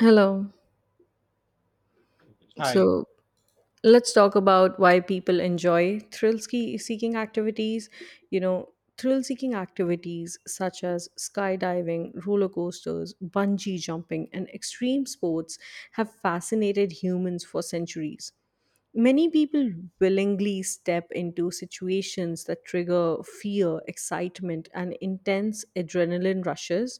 Hello. Hi. So, let's talk about why people enjoy seeking activities you know thrill seeking activities such as skydiving, roller coasters, bungee jumping, and extreme sports have fascinated humans for centuries. Many people willingly step into situations that trigger fear, excitement, and intense adrenaline rushes.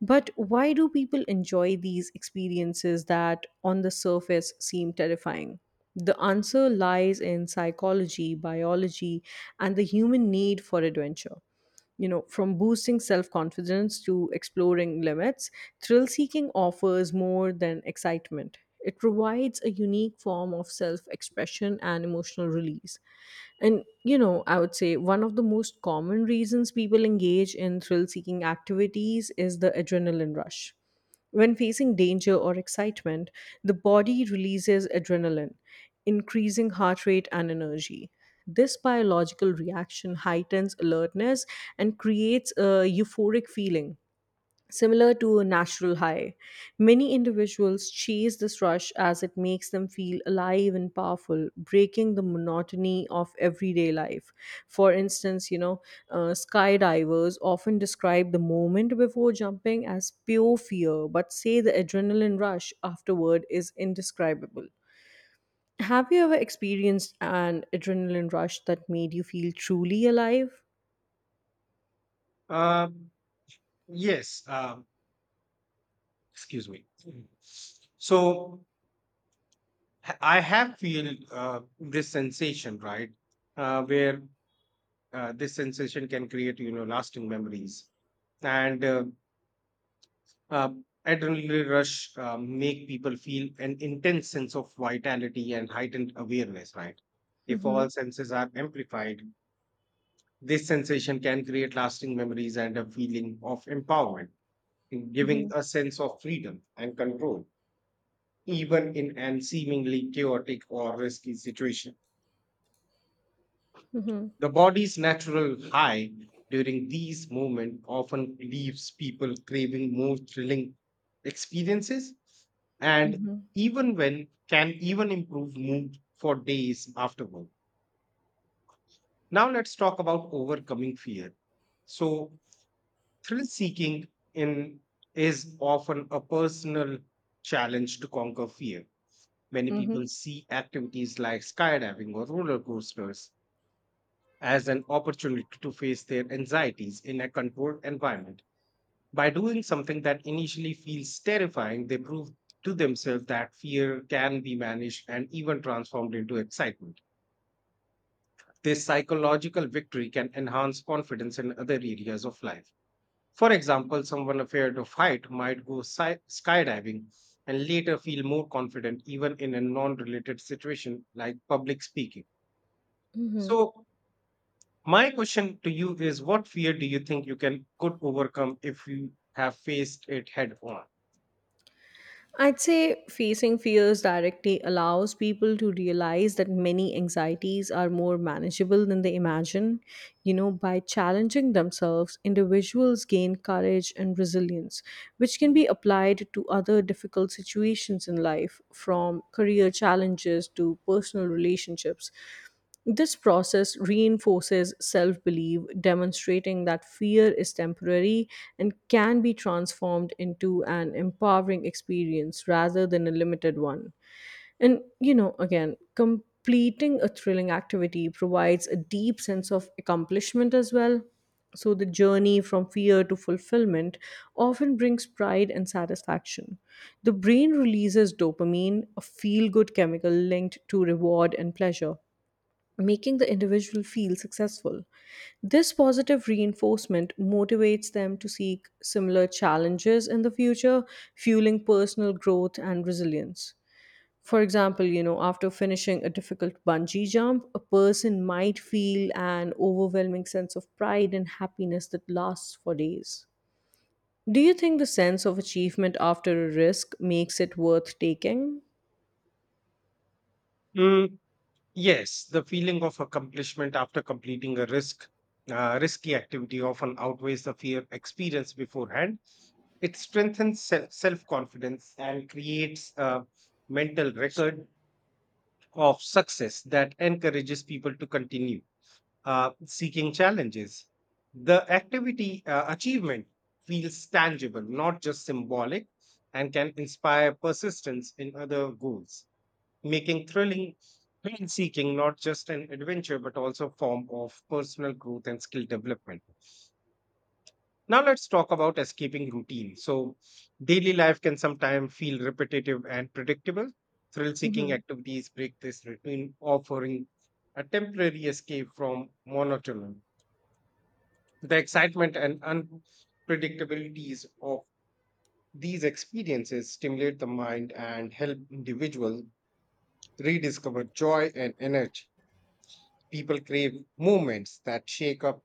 But why do people enjoy these experiences that on the surface seem terrifying? The answer lies in psychology, biology, and the human need for adventure. You know, from boosting self confidence to exploring limits, thrill seeking offers more than excitement. It provides a unique form of self expression and emotional release. And I would say one of the most common reasons people engage in thrill seeking activities is the adrenaline rush. When facing danger or excitement, the body releases adrenaline, increasing heart rate and energy. This biological reaction heightens alertness and creates a euphoric feeling similar to a natural high. Many individuals chase this rush as it makes them feel alive and powerful, breaking the monotony of everyday life. For instance, skydivers often describe the moment before jumping as pure fear, but say the adrenaline rush afterward is indescribable. Have you ever experienced an adrenaline rush that made you feel truly alive? Um, yes. Excuse me. Mm. So I have feel this sensation, right? Where This sensation can create, you know, lasting memories, and uh, adrenaline rush make people feel an intense sense of vitality and heightened awareness, right? If Hmm. all senses are amplified, this sensation can create lasting memories and a feeling of empowerment giving Hmm. a sense of freedom and control, even in an seemingly chaotic or risky situation. Hmm. The body's natural high during these moments often leaves people craving more thrilling experiences and Hmm. even when can even improve mood for days afterward. Now let's talk about overcoming fear. So thrill seeking in is often a personal challenge to conquer fear. Many Mhm. people see activities like skydiving or roller coasters as an opportunity to face their anxieties in a controlled environment. By doing something that initially feels terrifying, they prove to themselves that fear can be managed and even transformed into excitement. This psychological victory can enhance confidence in other areas of life. For example, someone afraid of height might go skydiving and later feel more confident even in a non related situation like public speaking. Mhm. So, my question to you is what fear do you think you can could overcome if you have faced it head on? I'd say facing fears directly allows people to realize that many anxieties are more manageable than they imagine. You know, by challenging themselves, individuals gain courage and resilience, which can be applied to other difficult situations in life, from career challenges to personal relationships. This process reinforces self belief, demonstrating that fear is temporary and can be transformed into an empowering experience rather than a limited one. And, you know, again, completing a thrilling activity provides a deep sense of accomplishment as well. So the journey from fear to fulfillment often brings pride and satisfaction. The brain releases dopamine, a feel good chemical linked to reward and pleasure, making the individual feel successful. This positive reinforcement motivates them to seek similar challenges in the future, fueling personal growth and resilience. For example, after finishing a difficult bungee jump, a person might feel an overwhelming sense of pride and happiness that lasts for days. Do you think the sense of achievement after a risk makes it worth taking? Mm, yes, the feeling of accomplishment after completing a risky activity often outweighs the fear experienced beforehand. It strengthens self confidence and creates a mental record of success that encourages people to continue seeking challenges. The activity achievement feels tangible, not just symbolic, and can inspire persistence in other goals, making thrill seeking not just an adventure but also a form of personal growth and skill development. Now let's talk about escaping routine. So daily life can sometimes feel repetitive and predictable. Thrill seeking Mhm. activities break this routine, offering a temporary escape from monotony. The excitement and unpredictabilities of these experiences stimulate the mind and help individuals rediscover joy and energy. People crave moments that shake up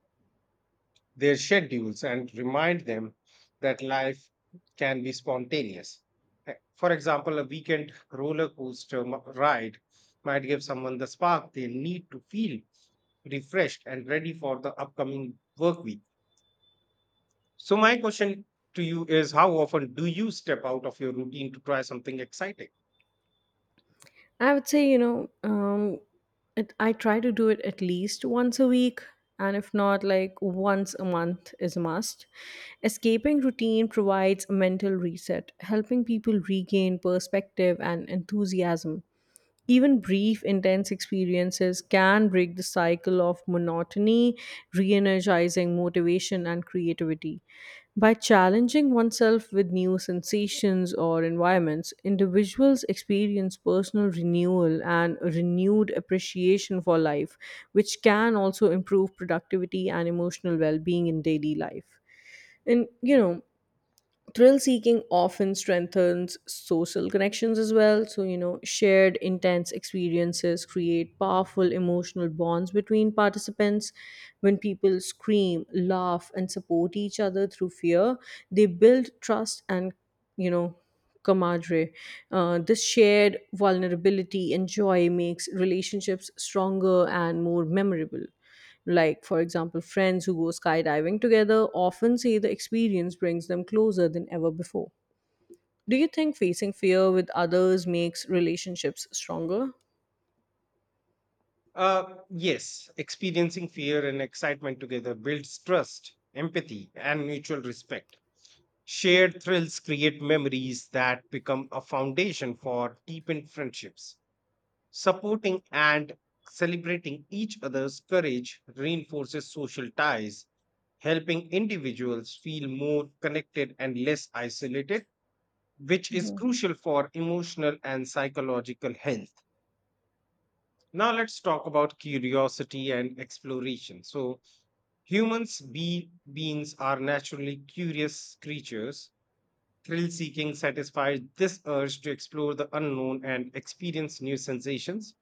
their schedules and remind them that life can be spontaneous. For example, a weekend roller coaster ride might give someone the spark they need to feel refreshed and ready for the upcoming work week. So my question to you is how often do you step out of your routine to try something exciting? I would say, I try to do it at least once a week. And if not, like, once a month is a must. Escaping routine provides a mental reset, helping people regain perspective and enthusiasm. Even brief, intense experiences can break the cycle of monotony, re energizing motivation and creativity. By challenging oneself with new sensations or environments, individuals experience personal renewal and a renewed appreciation for life, which can also improve productivity and emotional well being in daily life. And, you know, thrill seeking often strengthens social connections as well. So, you know, shared intense experiences create powerful emotional bonds between participants. When people scream, laugh, and support each other through fear, they build trust and, you know, camaraderie. This shared vulnerability and joy makes relationships stronger and more memorable. Like, for example, friends who go skydiving together often say the experience brings them closer than ever before. Do you think facing fear with others makes relationships stronger? Yes, experiencing fear and excitement together builds trust, empathy, and mutual respect. Shared thrills create memories that become a foundation for deepened friendships. Supporting and celebrating each other's courage reinforces social ties, helping individuals feel more connected and less isolated, which is crucial for emotional and psychological health. Now, let's talk about curiosity and exploration. So, humans, be beings, are naturally curious creatures. Thrill seeking satisfies this urge to explore the unknown and experience new sensations.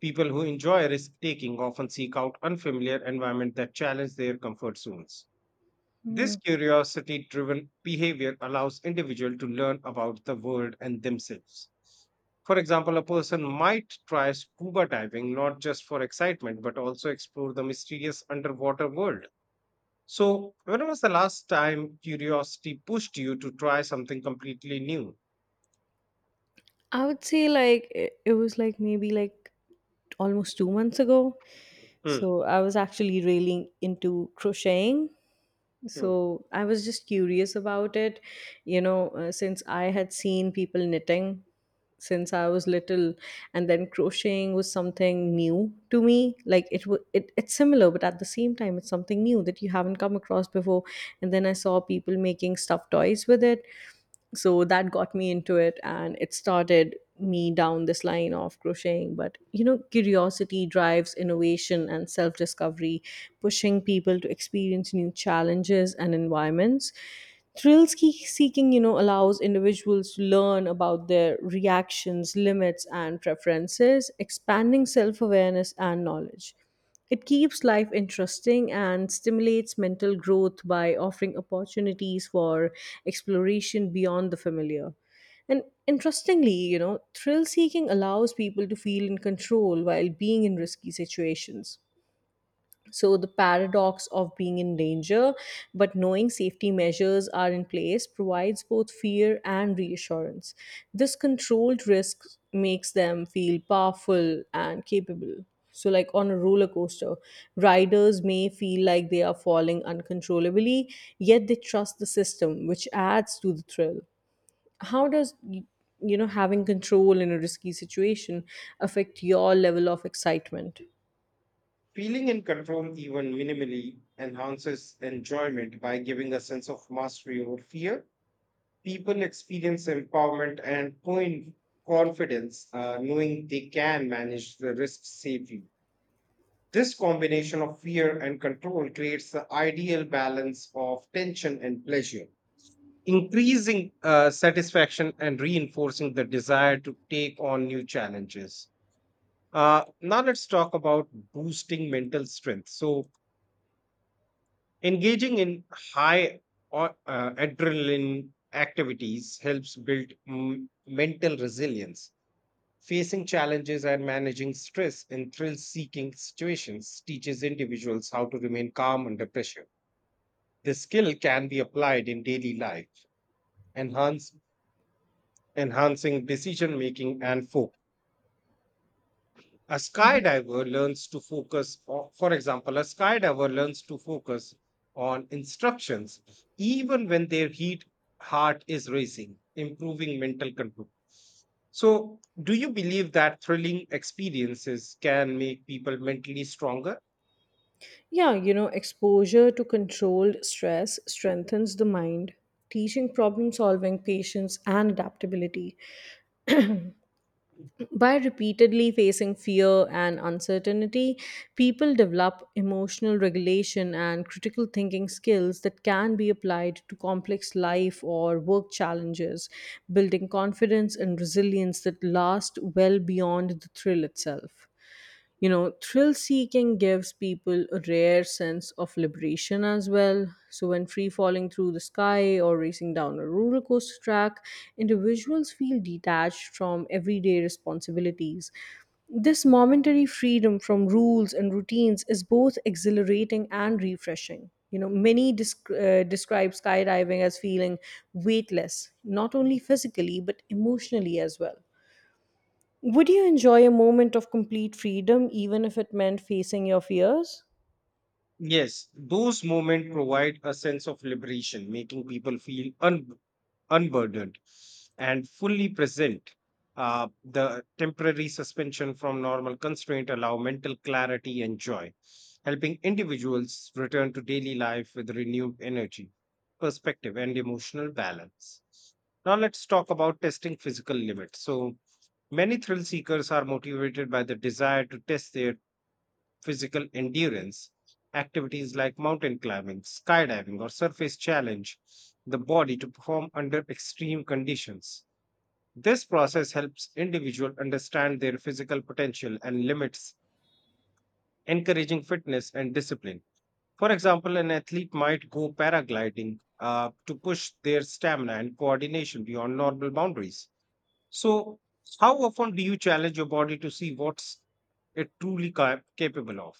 People who enjoy risk taking often seek out unfamiliar environments that challenge their comfort zones. This Hmm. curiosity driven behavior allows individual to learn about the world and themselves. For example, a person might try scuba diving not just for excitement but also explore the mysterious underwater world. So, when was the last time curiosity pushed you to try something completely new? I would say, it was like maybe like almost 2 months ago. Hmm. So I was actually really into crocheting. Hmm. So I was just curious about it, since I had seen people knitting since I was little, and then crocheting was something new to me. It's similar, but at the same time, it's something new that you haven't come across before. And then I saw people making stuffed toys with it, so that got me into it and it started me down this line of crocheting. But you know, curiosity drives innovation and self discovery, pushing people to experience new challenges and environments. Seeking, you know, allows individuals to learn about their reactions, limits, and preferences, expanding self awareness and knowledge. It keeps life interesting and stimulates mental growth by offering opportunities for exploration beyond the familiar. And interestingly, you know, thrill seeking allows people to feel in control while being in risky situations. So, the paradox of being in danger but knowing safety measures are in place provides both fear and reassurance. This controlled risk makes them feel powerful and capable. So, like on a roller coaster, riders may feel like they are falling uncontrollably, yet they trust the system, which adds to the thrill. How does y- you know, having control in a risky situation, affect your level of excitement? Feeling in control, even minimally, enhances enjoyment by giving a sense of mastery over fear. People experience empowerment and confidence, knowing they can manage the risks safely. This combination of fear and control creates the ideal balance of tension and pleasure, increasing satisfaction and reinforcing the desire to take on new challenges. Now, let's talk about boosting mental strength. So, engaging in adrenaline activities helps build mental resilience. Facing challenges and managing stress in thrill seeking situations teaches individuals how to remain calm under pressure. This skill can be applied in daily life, enhance, enhancing decision making and focus. A skydiver learns to focus o- For example, a skydiver learns to focus on instructions even when their heat heart is racing, improving mental control. So do you believe that thrilling experiences can make people mentally stronger? Yeah, you know, exposure to controlled stress strengthens the mind, teaching problem solving, patience, and adaptability. By repeatedly facing fear and uncertainty, people develop emotional regulation and critical thinking skills that can be applied to complex life or work challenges, building confidence and resilience that last well beyond the thrill itself. You know, thrill seeking gives people a rare sense of liberation as well. So when free falling through the sky or racing down a roller coaster track, individuals feel detached from everyday responsibilities. This momentary freedom from rules and routines is both exhilarating and refreshing. You know, many describe skydiving as feeling weightless, not only physically but emotionally as well. Would you enjoy a moment of complete freedom even if it meant facing your fears? Yes, those moments provide a sense of liberation, making people feel unburdened and fully present. The temporary suspension from normal constraint allow mental clarity and joy, helping individuals return to daily life with renewed energy, perspective, and emotional balance. Now let's talk about testing physical limits. So many thrill seekers are motivated by the desire to test their physical endurance. Activities like mountain climbing, skydiving, or surface challenge the body to perform under extreme conditions. This process helps individual understand their physical potential and limits, encouraging fitness and discipline. For example, an athlete might go paragliding to push their stamina and coordination beyond normal boundaries. So, how often do you challenge your body to see what's it truly capable of?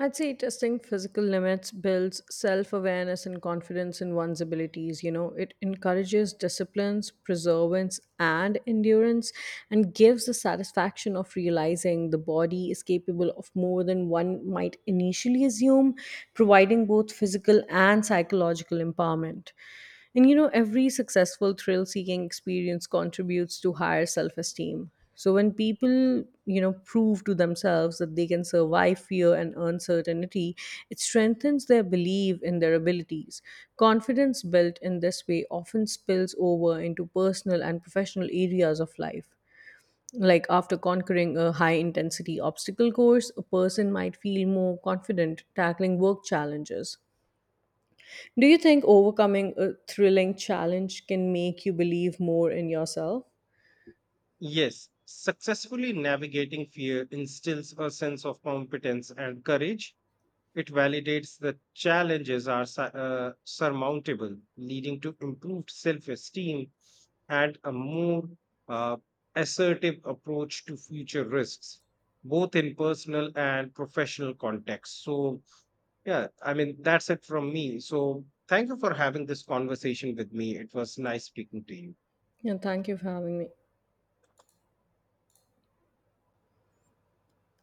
I'd say testing physical limits builds self awareness and confidence in one's abilities. You know, it encourages disciplines, perseverance, and endurance, and gives the satisfaction of realizing the body is capable of more than one might initially assume, providing both physical and psychological empowerment. And you know, every successful thrill seeking experience contributes to higher self esteem. So when people, you know, prove to themselves that they can survive fear and uncertainty, it strengthens their belief in their abilities. Confidence built in this way often spills over into personal and professional areas of life. Like after conquering a high intensity obstacle course, a person might feel more confident tackling work challenges. Do you think overcoming a thrilling challenge can make you believe more in yourself? Yes, successfully navigating fear instills a sense of competence and courage. It validates that challenges are surmountable, leading to improved self esteem and a more uh, assertive approach to future risks, both in personal and professional contexts. So, yeah, I mean, that's it from me. So, thank you for having this conversation with me. It was nice speaking to you. Yeah, thank you for having me.